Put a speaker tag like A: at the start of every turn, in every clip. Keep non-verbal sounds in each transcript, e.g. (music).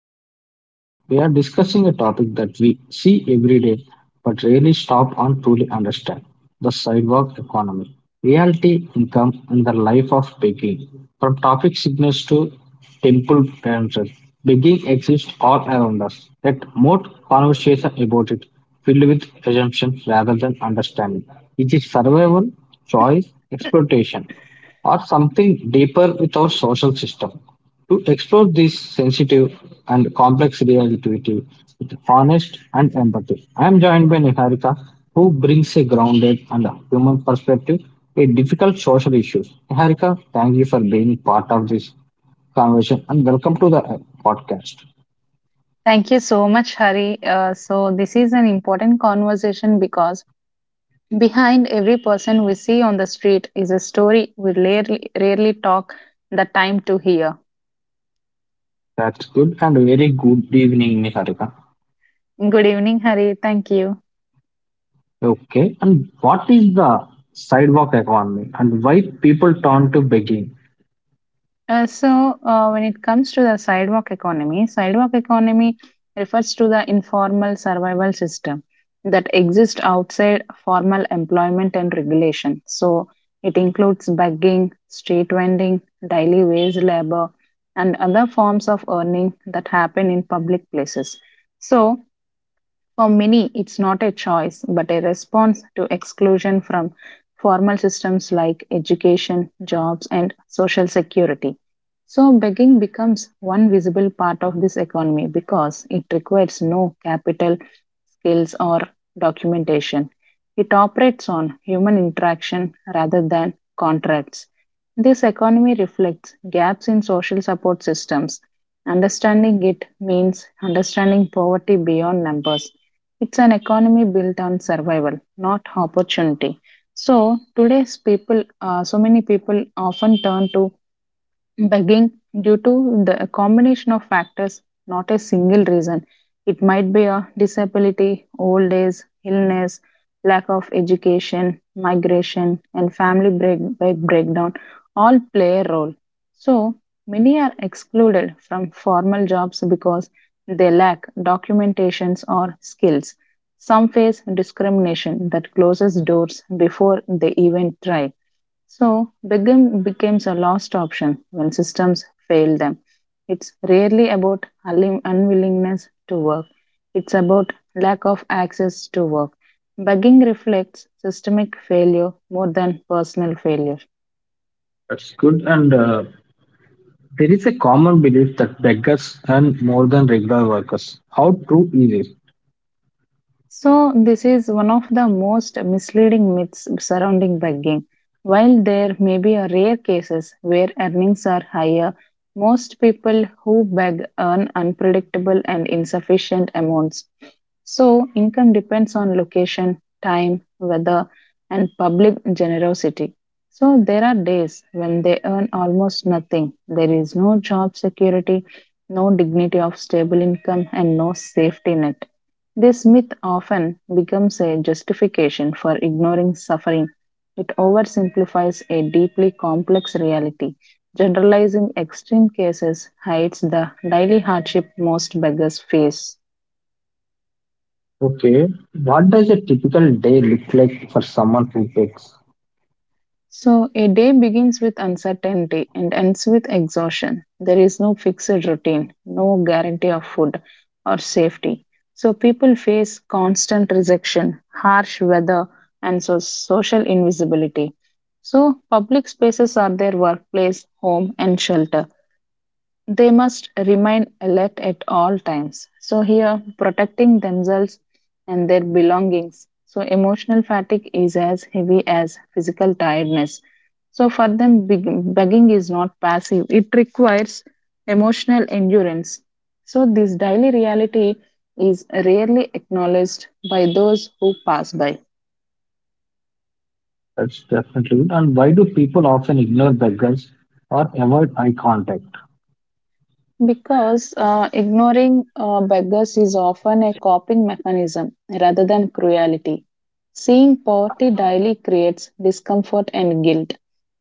A: your host Hari. We are discussing a topic that we see every day but rarely stop and truly understand, the sidewalk economy. Reality income and the life of begging. From traffic signals to temple dances, begging exists all around us. Yet more conversation about it filled with assumptions rather than understanding. It is survival, choice, exploitation or something deeper with our social system. To explore this sensitive and complex reality with honest and empathy, I am joined by Niharika, who brings a grounded and human perspective a difficult social issues. Niharika, thank you for being part of this conversation and welcome to the podcast.
B: Thank you so much, Hari. This is an important conversation because behind every person we see on the street is a story we rarely talk the time to hear.
A: That's good, and very good evening, Niharika.
B: Good evening, Hari. Thank you.
A: Okay, and what is the sidewalk economy and why people turn to begging?
B: When it comes to the sidewalk economy refers to the informal survival system that exists outside formal employment and regulation. So, it includes begging, street vending, daily wage labor, and other forms of earning that happen in public places. So, for many, it's not a choice, but a response to exclusion from formal systems like education, jobs, and social security. So, begging becomes one visible part of this economy because it requires no capital, skills, or documentation. It operates on human interaction rather than contracts. This economy reflects gaps in social support systems. Understanding it means understanding poverty beyond numbers, it's an economy built on survival, not opportunity. So today's people, so many people often turn to begging due to the combination of factors, not a single reason. It might be a disability, old age, illness, lack of education, migration, and breakdown all play a role. So, many are excluded from formal jobs because they lack documentations or skills. Some face discrimination that closes doors before they even try, so begging becomes a last option when systems fail them. It's rarely about unwillingness to work, it's about lack of access to work. Begging reflects systemic failure more than personal failure.
A: That's good and There is a common belief that beggars earn more than regular workers. How true is it?
B: So, this is one of the most misleading myths surrounding begging. While there may be a rare cases where earnings are higher, most people who beg earn unpredictable and insufficient amounts. So, income depends on location, time, weather, and public generosity. So, there are days when they earn almost nothing. There is no job security, no dignity of stable income, and no safety net. This myth often becomes a justification for ignoring suffering. It oversimplifies a deeply complex reality. Generalizing extreme cases hides the daily hardship most beggars face.
A: Okay, what does a typical day look like for someone who begs?
B: So, a day begins with uncertainty and ends with exhaustion. There is no fixed routine, no guarantee of food or safety. So, people face constant rejection, harsh weather, and so social invisibility. So, public spaces are their workplace, home, and shelter. They must remain alert at all times. So, here protecting themselves and their belongings. So, emotional fatigue is as heavy as physical tiredness. So, for them, begging is not passive, it requires emotional endurance. So, this daily reality is rarely acknowledged by those who pass by.
A: That's definitely good. And why do people often ignore beggars or avoid eye contact?
B: Because ignoring beggars is often a coping mechanism rather than cruelty. Seeing poverty daily creates discomfort and guilt.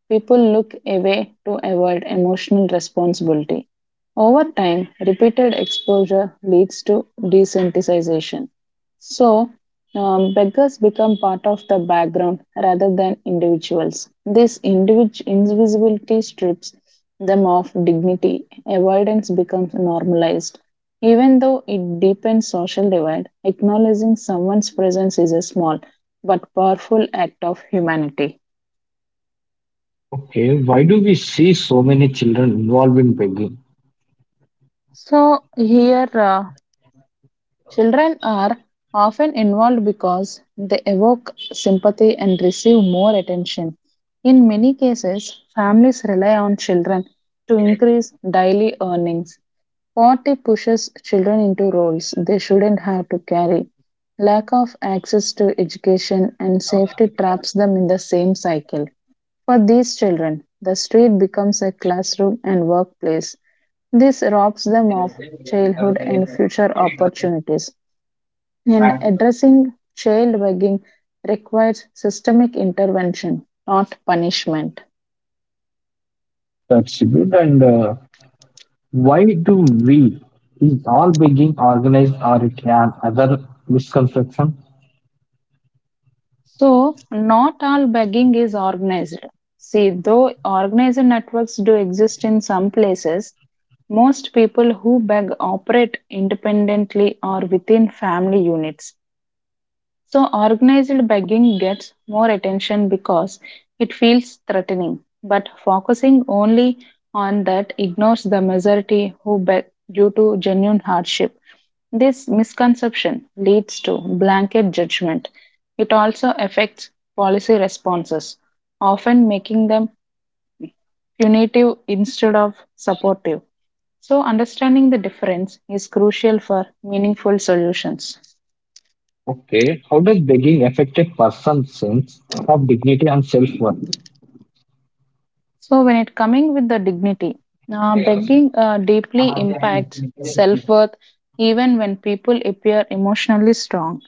B: People look away to avoid emotional responsibility. Over time, repeated exposure leads to desensitization. So, beggars become part of the background rather than individuals. This invisibility strips them of dignity. Avoidance becomes normalized. Even though it deepens social divide, acknowledging someone's presence is a small but powerful act of humanity.
A: Okay, why do we see so many children involved in begging?
B: So, here Children are often involved because they evoke sympathy and receive more attention. In many cases, families rely on children to increase daily earnings. Poverty pushes children into roles they shouldn't have to carry. Lack of access to education and safety traps them in the same cycle. For these children, the street becomes a classroom and workplace. This robs them of childhood and future opportunities. And addressing child begging requires systemic intervention, not punishment.
A: That's good. And why do we? Is all begging organized or it an other misconception?
B: So, not all begging is organized. See, though organized networks do exist in some places, most people who beg operate independently or within family units. So, organized begging gets more attention because it feels threatening, but focusing only on that ignores the majority who beg due to genuine hardship. This misconception leads to blanket judgment. It also affects policy responses, often making them punitive instead of supportive. So, understanding the difference is crucial for meaningful solutions.
A: Okay, how does begging affect a person's sense of dignity and self-worth?
B: So when it coming with the dignity, begging deeply impacts self-worth even when people appear emotionally strong.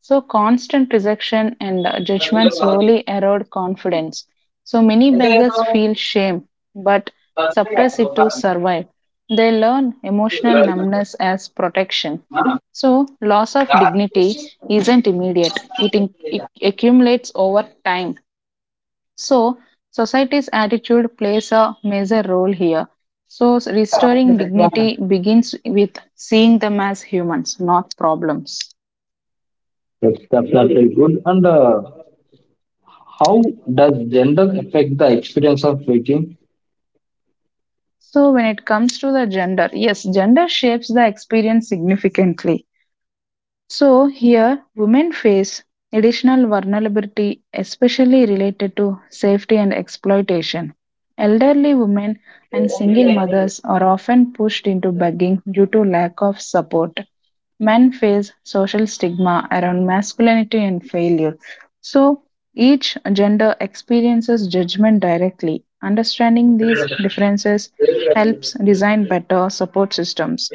B: So constant rejection and judgment slowly erode confidence. So many beggars feel shame but suppress it to survive. They learn emotional numbness as protection. So loss of dignity isn't immediate. It accumulates over time, so society's attitude plays a major role here. So, restoring dignity begins with seeing them as humans, not problems.
A: That's definitely good. And how does gender affect the experience of begging?
B: So, when it comes to the gender, yes, gender shapes the experience significantly. So here women face additional vulnerability especially related to safety and exploitation. Elderly women and single mothers are often pushed into begging due to lack of support. Men face social stigma around masculinity and failure. So each gender experiences judgment directly. Understanding these differences helps design better support systems.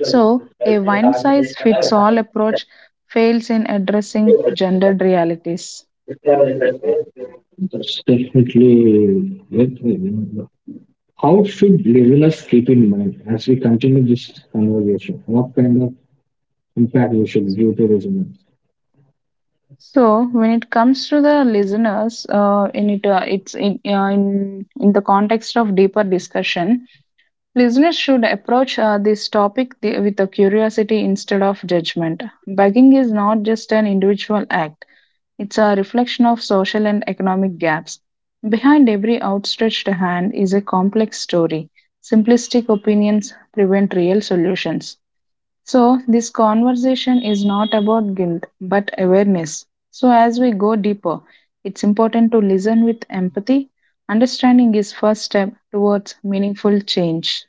B: So, a one size fits all approach fails in addressing gendered realities.
A: That's definitely it. How should listeners keep in mind as we continue this conversation? What kind of impact we should give to listeners?
B: So, when it comes to the listeners, in it, it's in the context of deeper discussion, listeners should approach this topic with a curiosity instead of judgment. Begging is not just an individual act, it's a reflection of social and economic gaps. Behind every outstretched hand is a complex story. Simplistic opinions prevent real solutions. So, this conversation is not about guilt but awareness. So, as we go deeper, it's important to listen with empathy. Understanding is first step towards meaningful change.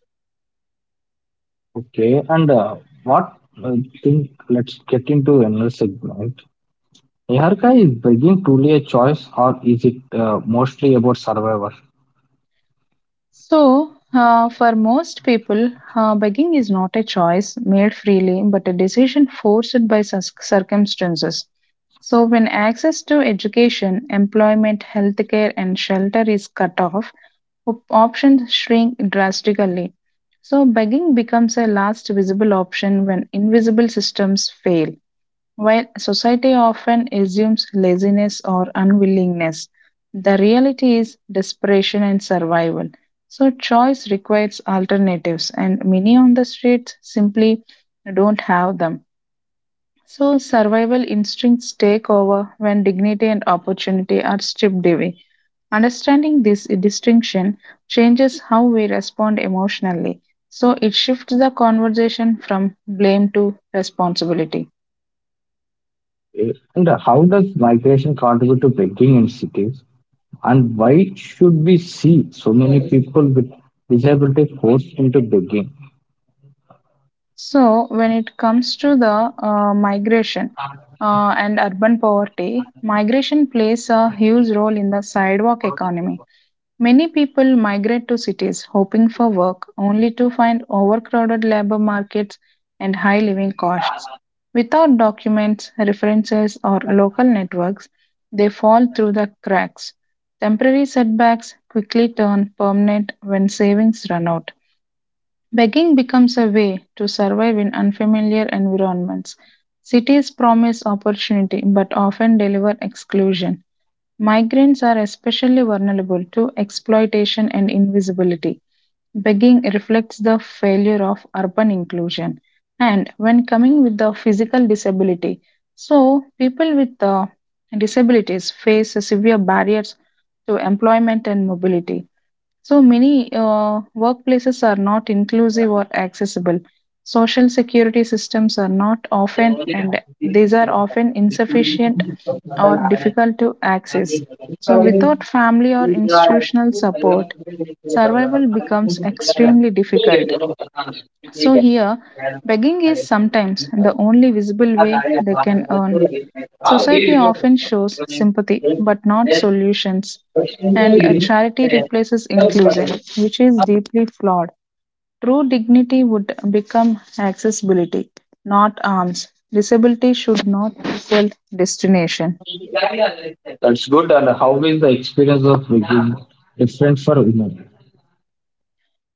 A: Okay, and what I think let's get into another segment. Yarka, is begging truly a choice, or is it mostly about survival?
B: So, for most people, begging is not a choice made freely, but a decision forced by circumstances. So, when access to education, employment, healthcare, and shelter is cut off, options shrink drastically. So, begging becomes a last visible option when invisible systems fail. While society often assumes laziness or unwillingness, the reality is desperation and survival. So, choice requires alternatives, and many on the streets simply don't have them. So, survival instincts take over when dignity and opportunity are stripped away. Understanding this distinction changes how we respond emotionally. So, it shifts the conversation from blame to responsibility.
A: And how does migration contribute to begging in cities? And why should we see so many people with disability forced into begging?
B: So, when it comes to the migration and urban poverty, migration plays a huge role in the sidewalk economy. Many people migrate to cities hoping for work, only to find overcrowded labor markets and high living costs. Without documents, references, or local networks, they fall through the cracks. Temporary setbacks quickly turn permanent when savings run out. Begging becomes a way to survive in unfamiliar environments. Cities promise opportunity but often deliver exclusion. Migrants are especially vulnerable to exploitation and invisibility. Begging reflects the failure of urban inclusion. And when coming with the physical disability, so people with disabilities face severe barriers to employment and mobility. So many workplaces are not inclusive or accessible. Social security systems are not often, and these are often insufficient or difficult to access. So, without family or institutional support, survival becomes extremely difficult. So here, begging is sometimes the only visible way they can earn. Society often shows sympathy but not solutions, and a charity replaces inclusion, which is deeply flawed. True dignity would become accessibility, not arms. Disability should not equal destination.
A: That's good. And how is the experience of begging different for women?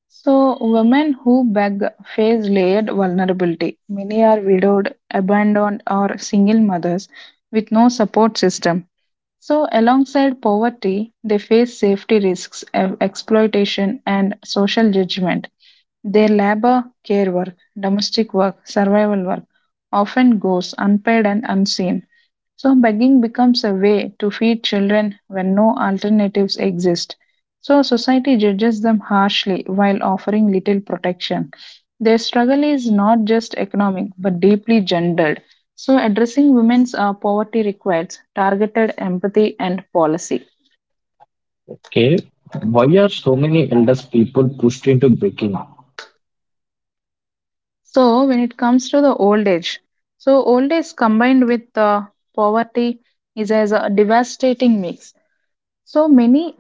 B: So, women who beg face layered vulnerability. Many are widowed, abandoned, or single mothers with no support system. So, alongside poverty, they face safety risks, exploitation, and social judgment. Their labor, care work, domestic work, survival work often goes unpaid and unseen. So, begging becomes a way to feed children when no alternatives exist. So, society judges them harshly while offering little protection. Their struggle is not just economic but deeply gendered. So, addressing women's poverty requires targeted empathy and policy.
A: Okay, why are so many elders people pushed into begging?
B: So, when it comes to the old age, so old age combined with poverty is as a devastating mix. So, many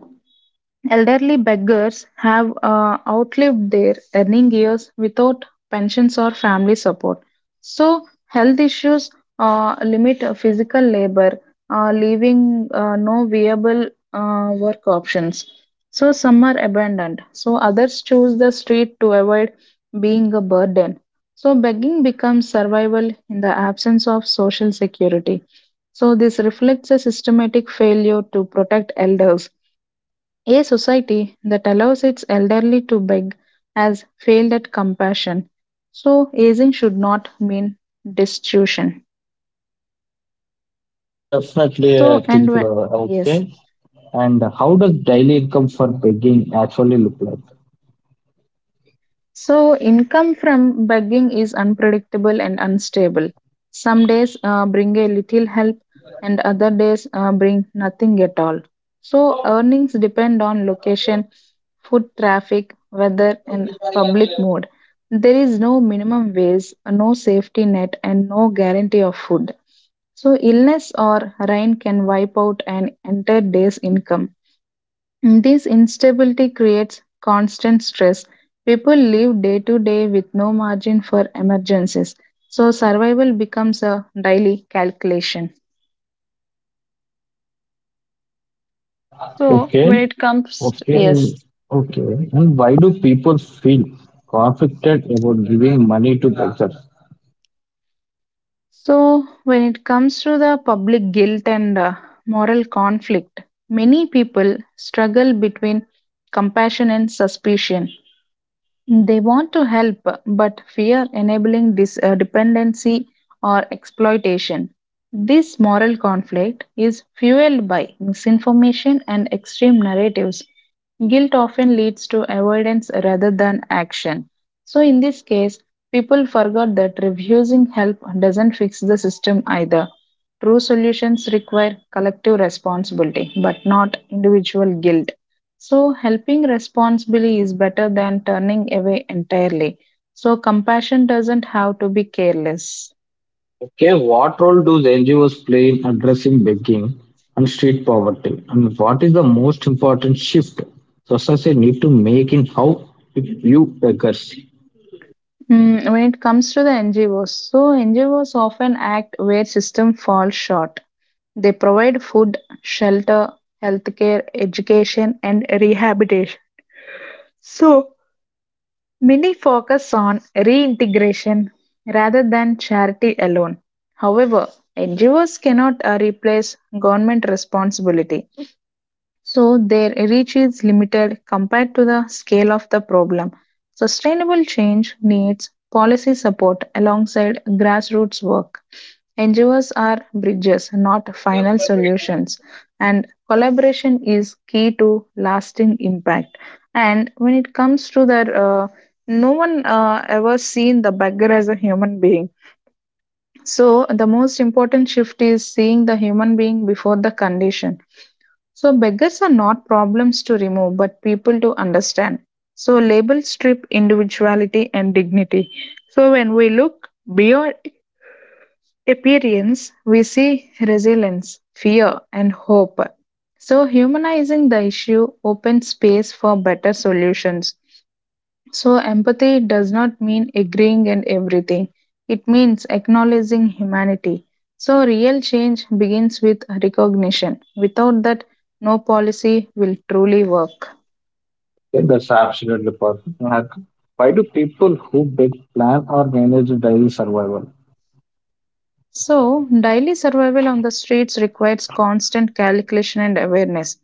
B: elderly beggars have outlived their earning years without pensions or family support. So, health issues limit physical labor, leaving no viable work options. So, some are abandoned. So, others choose the street to avoid being a burden. So, begging becomes survival in the absence of social security. So, this reflects a systematic failure to protect elders, a society that allows its elderly to beg has failed at compassion. So, aging should not mean destitution.
A: Definitely, I
B: So, and
A: think
B: when, yes.
A: okay. And how does daily income for begging actually look like?
B: So, income from begging is unpredictable and unstable. Some days bring a little help, and other days bring nothing at all. So, earnings depend on location, food traffic, weather, and public mood. There is no minimum wage, no safety net, and no guarantee of food. So, illness or rain can wipe out an entire day's income. This instability creates constant stress. People live day to day with no margin for emergencies, so survival becomes a daily calculation. So when
A: Okay,
B: it comes, to,
A: Okay,
B: yes,
A: okay. And why do people feel conflicted about giving money to beggars?
B: so, when it comes to the public guilt and moral conflict, many people struggle between compassion and suspicion. They want to help, but fear enabling dependency or exploitation. This moral conflict is fueled by misinformation and extreme narratives. Guilt often leads to avoidance rather than action. So, in this case, people forgot that refusing help doesn't fix the system either. True solutions require collective responsibility, but not individual guilt. So, helping responsibly is better than turning away entirely. So, compassion doesn't have to be careless.
A: Okay, what role do the NGOs play in addressing begging and street poverty? And what is the most important shift society need to make in how we view beggars?
B: Mm, when it comes to the NGOs, so NGOs often act where systems fall short. They provide food, shelter, healthcare, education, and rehabilitation. So, many focus on reintegration rather than charity alone. However, NGOs cannot replace government responsibility. So their reach is limited compared to the scale of the problem. Sustainable change needs policy support alongside grassroots work. NGOs are bridges, not final solutions, and collaboration is key to lasting impact. And when it comes to that, no one ever seen the beggar as a human being. So the most important shift is seeing the human being before the condition, so beggars are not problems to remove, but people to understand. So labels strip individuality and dignity. So when we look beyond appearance, we see resilience, fear, and hope. So humanizing the issue opens space for better solutions. So, empathy does not mean agreeing in everything, it means acknowledging humanity. So, real change begins with recognition. Without that, no policy will truly work.
A: Okay, that's absolutely perfect. Like, why do people who beg plan or manage daily survival?
B: So, daily survival on the streets requires constant calculation and awareness.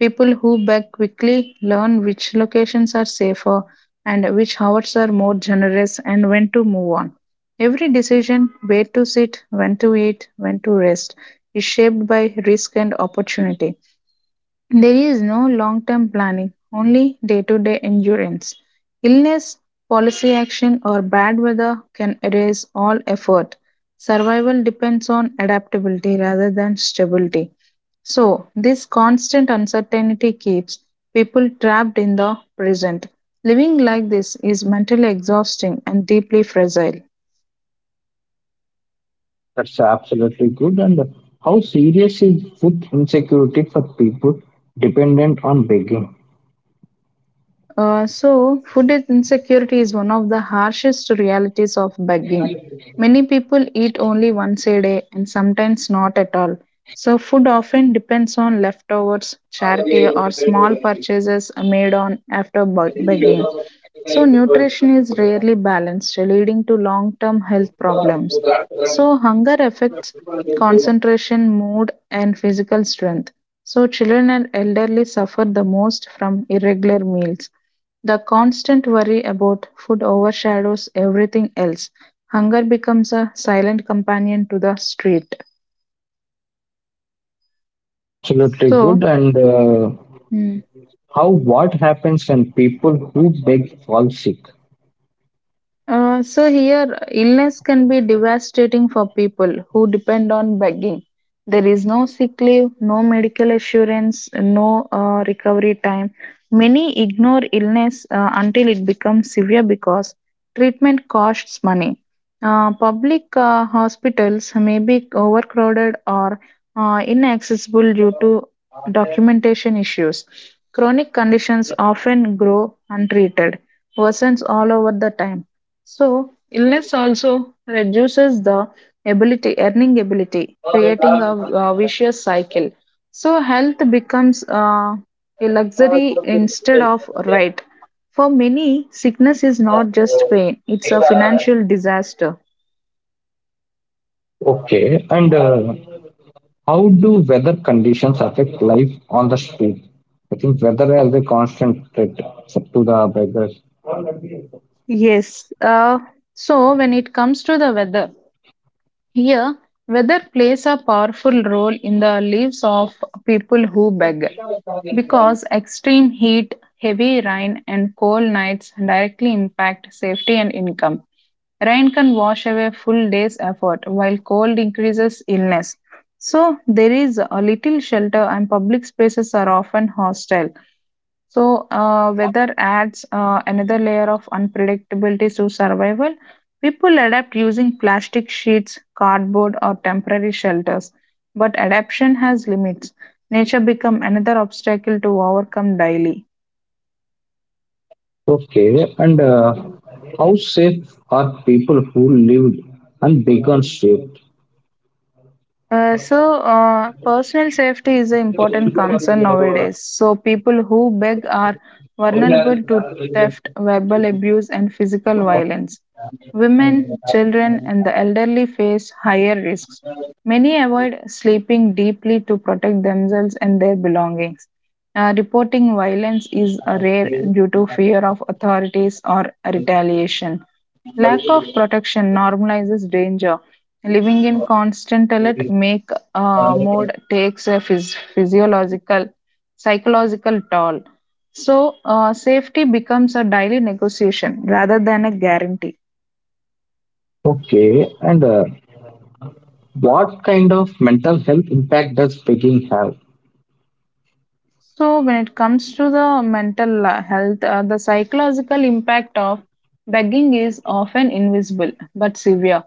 B: People who beg quickly learn which locations are safer and which hours are more generous and when to move on. Every decision, where to sit, when to eat, when to rest, is shaped by risk and opportunity. There is no long-term planning, only day-to-day endurance. Illness, policy action, or bad weather can erase all effort. Survival depends on adaptability rather than stability. So, this constant uncertainty keeps people trapped in the present. Living like this is mentally exhausting and deeply fragile.
A: That's absolutely good. And how serious is food insecurity for people dependent on begging?
B: Insecurity is one of the harshest realities of begging. Many people eat only once a day and sometimes not at all. So, food often depends on leftovers, charity, or small purchases made on after begging. So, nutrition is rarely balanced, leading to long term health problems. So, hunger affects concentration, mood, and physical strength. So, children and elderly suffer the most from irregular meals. The constant worry about food overshadows everything else. Hunger becomes a silent companion to the street.
A: It's absolutely
B: So,
A: good. And
B: hmm,
A: how what happens when people who beg fall sick?
B: Here, illness can be devastating for people who depend on begging. There is no sick leave, no medical assurance, no recovery time. Many ignore illness until it becomes severe because treatment costs money. Public hospitals may be overcrowded or inaccessible due to documentation issues. Chronic conditions often grow untreated, worsens all over the time. So, illness also reduces the ability, earning ability, creating a vicious cycle. So, health becomes a luxury instead of a right. For many, sickness is not just pain, it's a financial disaster.
A: Okay. And how do weather conditions affect life on the street? I think weather as a constant threat to the beggars.
B: Yes. When it comes to the weather, here, weather plays a powerful role in the lives of people who beg. Because extreme heat, heavy rain, and cold nights directly impact safety and income. Rain can wash away full day's effort, while cold increases illness. So, there is a little shelter, and public spaces are often hostile. So, weather adds another layer of unpredictability to survival. People adapt using plastic sheets, cardboard, or temporary shelters, but adaptation has limits. Nature becomes another obstacle to overcome daily.
A: Okay, and how safe are people who live and beg on street?
B: Personal safety is an important concern nowadays. So, people who beg are vulnerable to theft, verbal abuse, and physical violence. Women, children, and the elderly face higher risks. Many avoid sleeping deeply to protect themselves and their belongings. Reporting violence is rare due to fear of authorities or retaliation. Lack of protection normalizes danger. Living in constant alert make mode takes a physiological, psychological toll. So safety becomes a daily negotiation rather than a guarantee.
A: Okay, and what kind of mental health impact does begging have?
B: So when it comes to the mental health, the psychological impact of begging is often invisible but severe.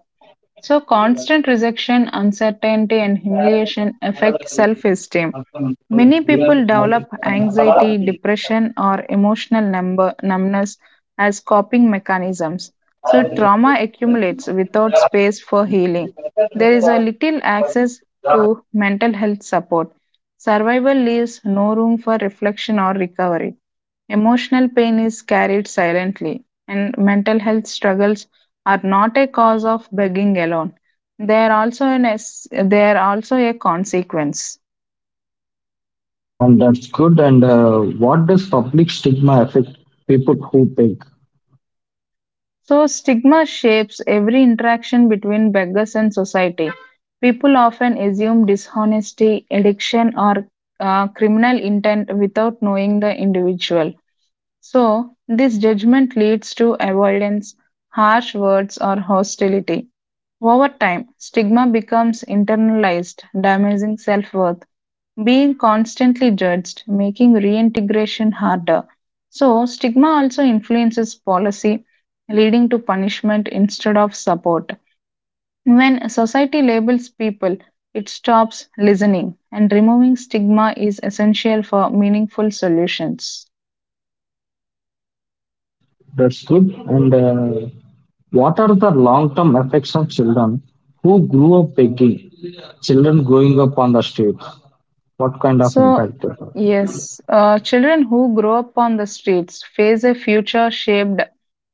B: So constant rejection, uncertainty, and humiliation affect self-esteem. Many people develop anxiety, depression, or emotional numbness as coping mechanisms. So, trauma accumulates without space for healing. There is a little access to mental health support. Survival leaves no room for reflection or recovery. Emotional pain is carried silently, and mental health struggles are not a cause of begging alone. They are also a consequence.
A: And that's good. And what does public stigma affect people who beg?
B: So, stigma shapes every interaction between beggars and society. People often assume dishonesty, addiction, or criminal intent without knowing the individual. So, this judgment leads to avoidance, harsh words, or hostility. Over time, stigma becomes internalized, damaging self worth. Being constantly judged, making reintegration harder. So, stigma also influences policy, leading to punishment instead of support. When society labels people, it stops listening, and removing stigma is essential for meaningful solutions.
A: That's good. And what are the long-term effects on children who grew up begging? Children growing up on the streets. What kind of
B: So,
A: impact they have?
B: yes, children who grow up on the streets face a future shaped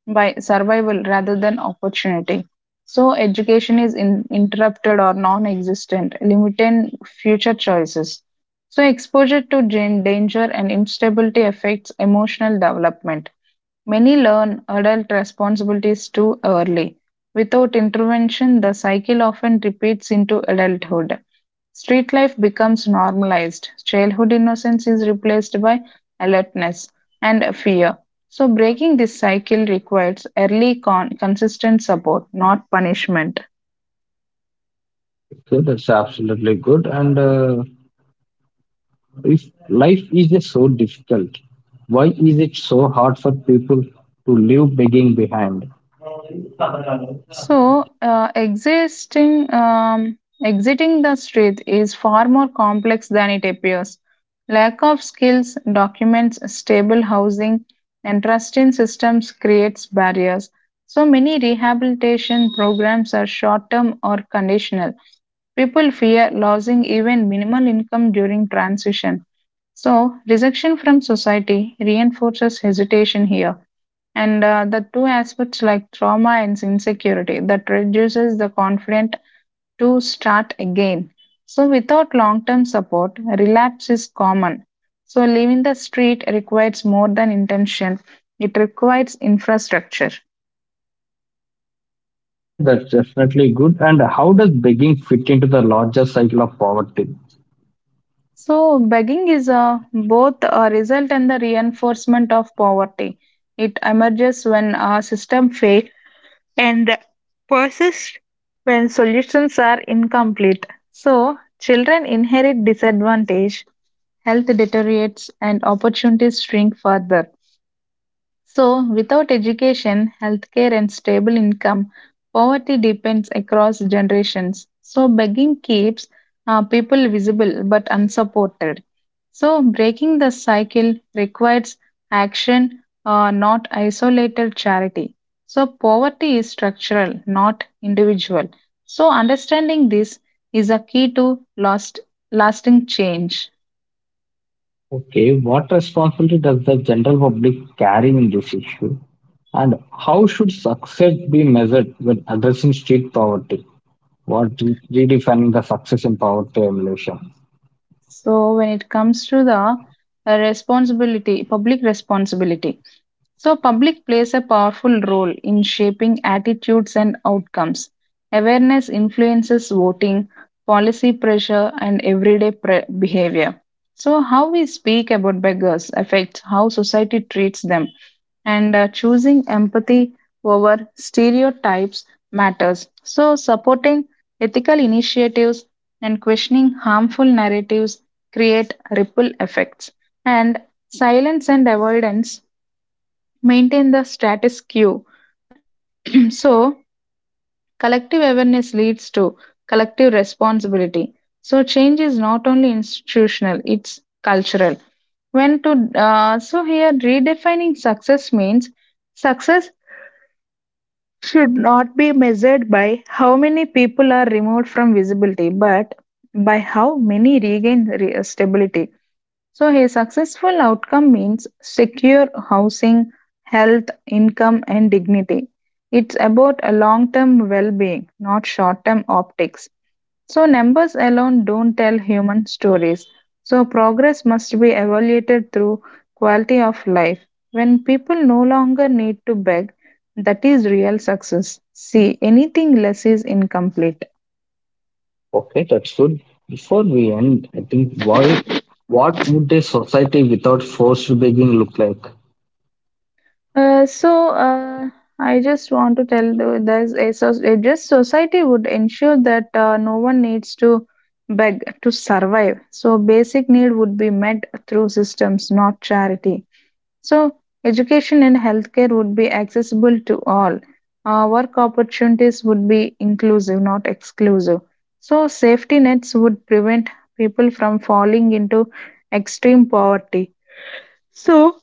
B: by survival rather than opportunity. So, education is interrupted or non existent, limiting future choices. So, exposure to danger and instability affects emotional development. Many learn adult responsibilities too early. Without intervention, the cycle often repeats into adulthood. Street life becomes normalized. Childhood innocence is replaced by alertness and fear. So, breaking this cycle requires early, consistent support, not punishment.
A: Okay, that's absolutely good. And if life is so difficult, why is it so hard for people to leave begging behind?
B: So, uh, existing, um, Exiting the street is far more complex than it appears. Lack of skills, documents, stable housing, and trust in systems creates barriers. So, many rehabilitation programs are short term or conditional. People fear losing even minimal income during transition. So, rejection from society reinforces hesitation here, and the two aspects like trauma and insecurity that reduces the confidence to start again. So without long term support, relapse is common. So leaving the street requires more than intention, it requires infrastructure.
A: Okay, that's definitely good. And how does begging fit into the larger cycle of poverty?
B: So begging is a both a result and the reinforcement of poverty. It emerges when a system fails and persist when solutions are incomplete. So, children inherit disadvantage, health deteriorates, and opportunities shrink further. So, without education, healthcare, and stable income, poverty depends across generations. So, begging keeps people visible but unsupported. So, breaking the cycle requires action, not isolated charity. So, poverty is structural, not individual. So, understanding this is a key to lasting change.
A: Okay, what responsibility does the general public carry in this issue? And how should success be measured when addressing street poverty? Redefining the success in poverty evolution?
B: So when it comes to the responsibility, public responsibility. So public plays a powerful role in shaping attitudes and outcomes. Awareness influences voting, policy pressure, and everyday behavior. So how we speak about beggars affects how society treats them, and choosing empathy over stereotypes matters. So, supporting ethical initiatives and questioning harmful narratives create ripple effects. And silence and avoidance maintain the status quo. (clears throat) So, collective awareness leads to collective responsibility. So, change is not only institutional, it's cultural. When to, so Here redefining success means success should not be measured by how many people are removed from visibility, but by how many regain stability. So, a successful outcome means secure housing, health, income, and dignity. It's about a long term well being, not short term optics. So, numbers alone don't tell human stories. So, progress must be evaluated through quality of life. When people no longer need to beg, that is real success. See, anything less is incomplete.
A: Okay, that's good. Before we end, I think why what would a society without forced begging look like?
B: Uh, so, uh, I just want to tell there's a just society would ensure that no one needs to beg to survive. So, basic need would be met through systems, not charity. So, education and healthcare would be accessible to all. Work opportunities would be inclusive, not exclusive. So, safety nets would prevent people from falling into extreme poverty. So,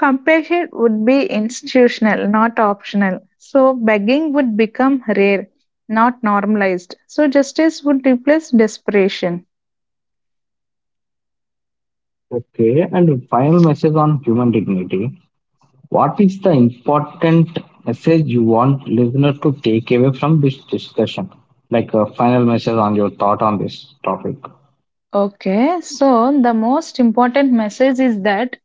B: compassion would be institutional, not optional. So, begging would become rare, not normalized. So, justice would replace desperation.
A: Okay, and final message on human dignity. What is the important message you want listener to take away from this discussion? Like a final message on your thought on this topic.
B: Okay, so the most important message is that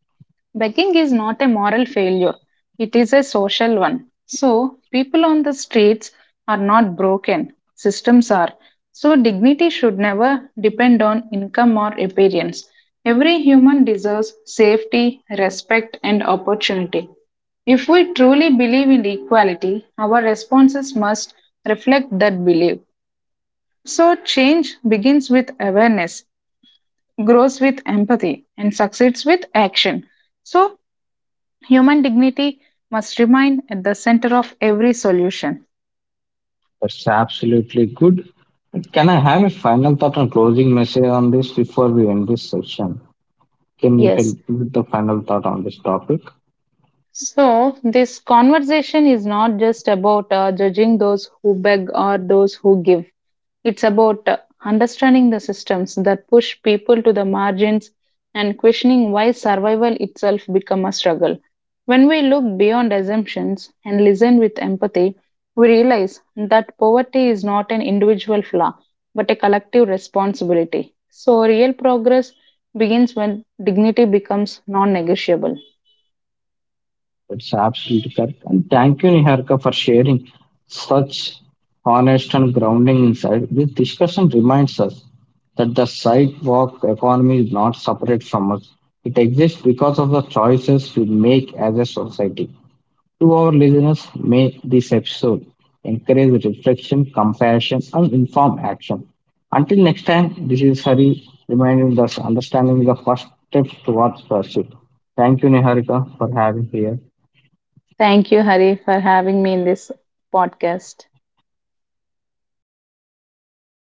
B: begging is not a moral failure, it is a social one. So, people on the streets are not broken, systems are. So, dignity should never depend on income or appearance. Every human deserves safety, respect, and opportunity. If we truly believe in equality, our responses must reflect that belief. So, change begins with awareness, grows with empathy, and succeeds with action. So, human dignity must remain at the center of every solution.
A: That's absolutely good. Can I have a final thought and closing message on this before we end this session? Can you help
B: Yes.
A: me with the final thought on this topic?
B: So, this conversation is not just about judging those who beg or those who give. It's about understanding the systems that push people to the margins and questioning why survival itself become a struggle. When we look beyond assumptions and listen with empathy, we realize that poverty is not an individual flaw but a collective responsibility. So, real progress begins when dignity becomes non negotiable.
A: That's absolutely correct. And thank you, Niharika, for sharing such honest and grounding insight. This discussion reminds us that the sidewalk economy is not separate from us. It exists because of the choices we make as a society. To our listeners, may this episode encourage reflection, compassion, and informed action. Until next time, this is Hari reminding us understanding the first steps towards pursuit. Thank you, Niharika, for having here.
B: Thank you, Hari, for having me in this podcast.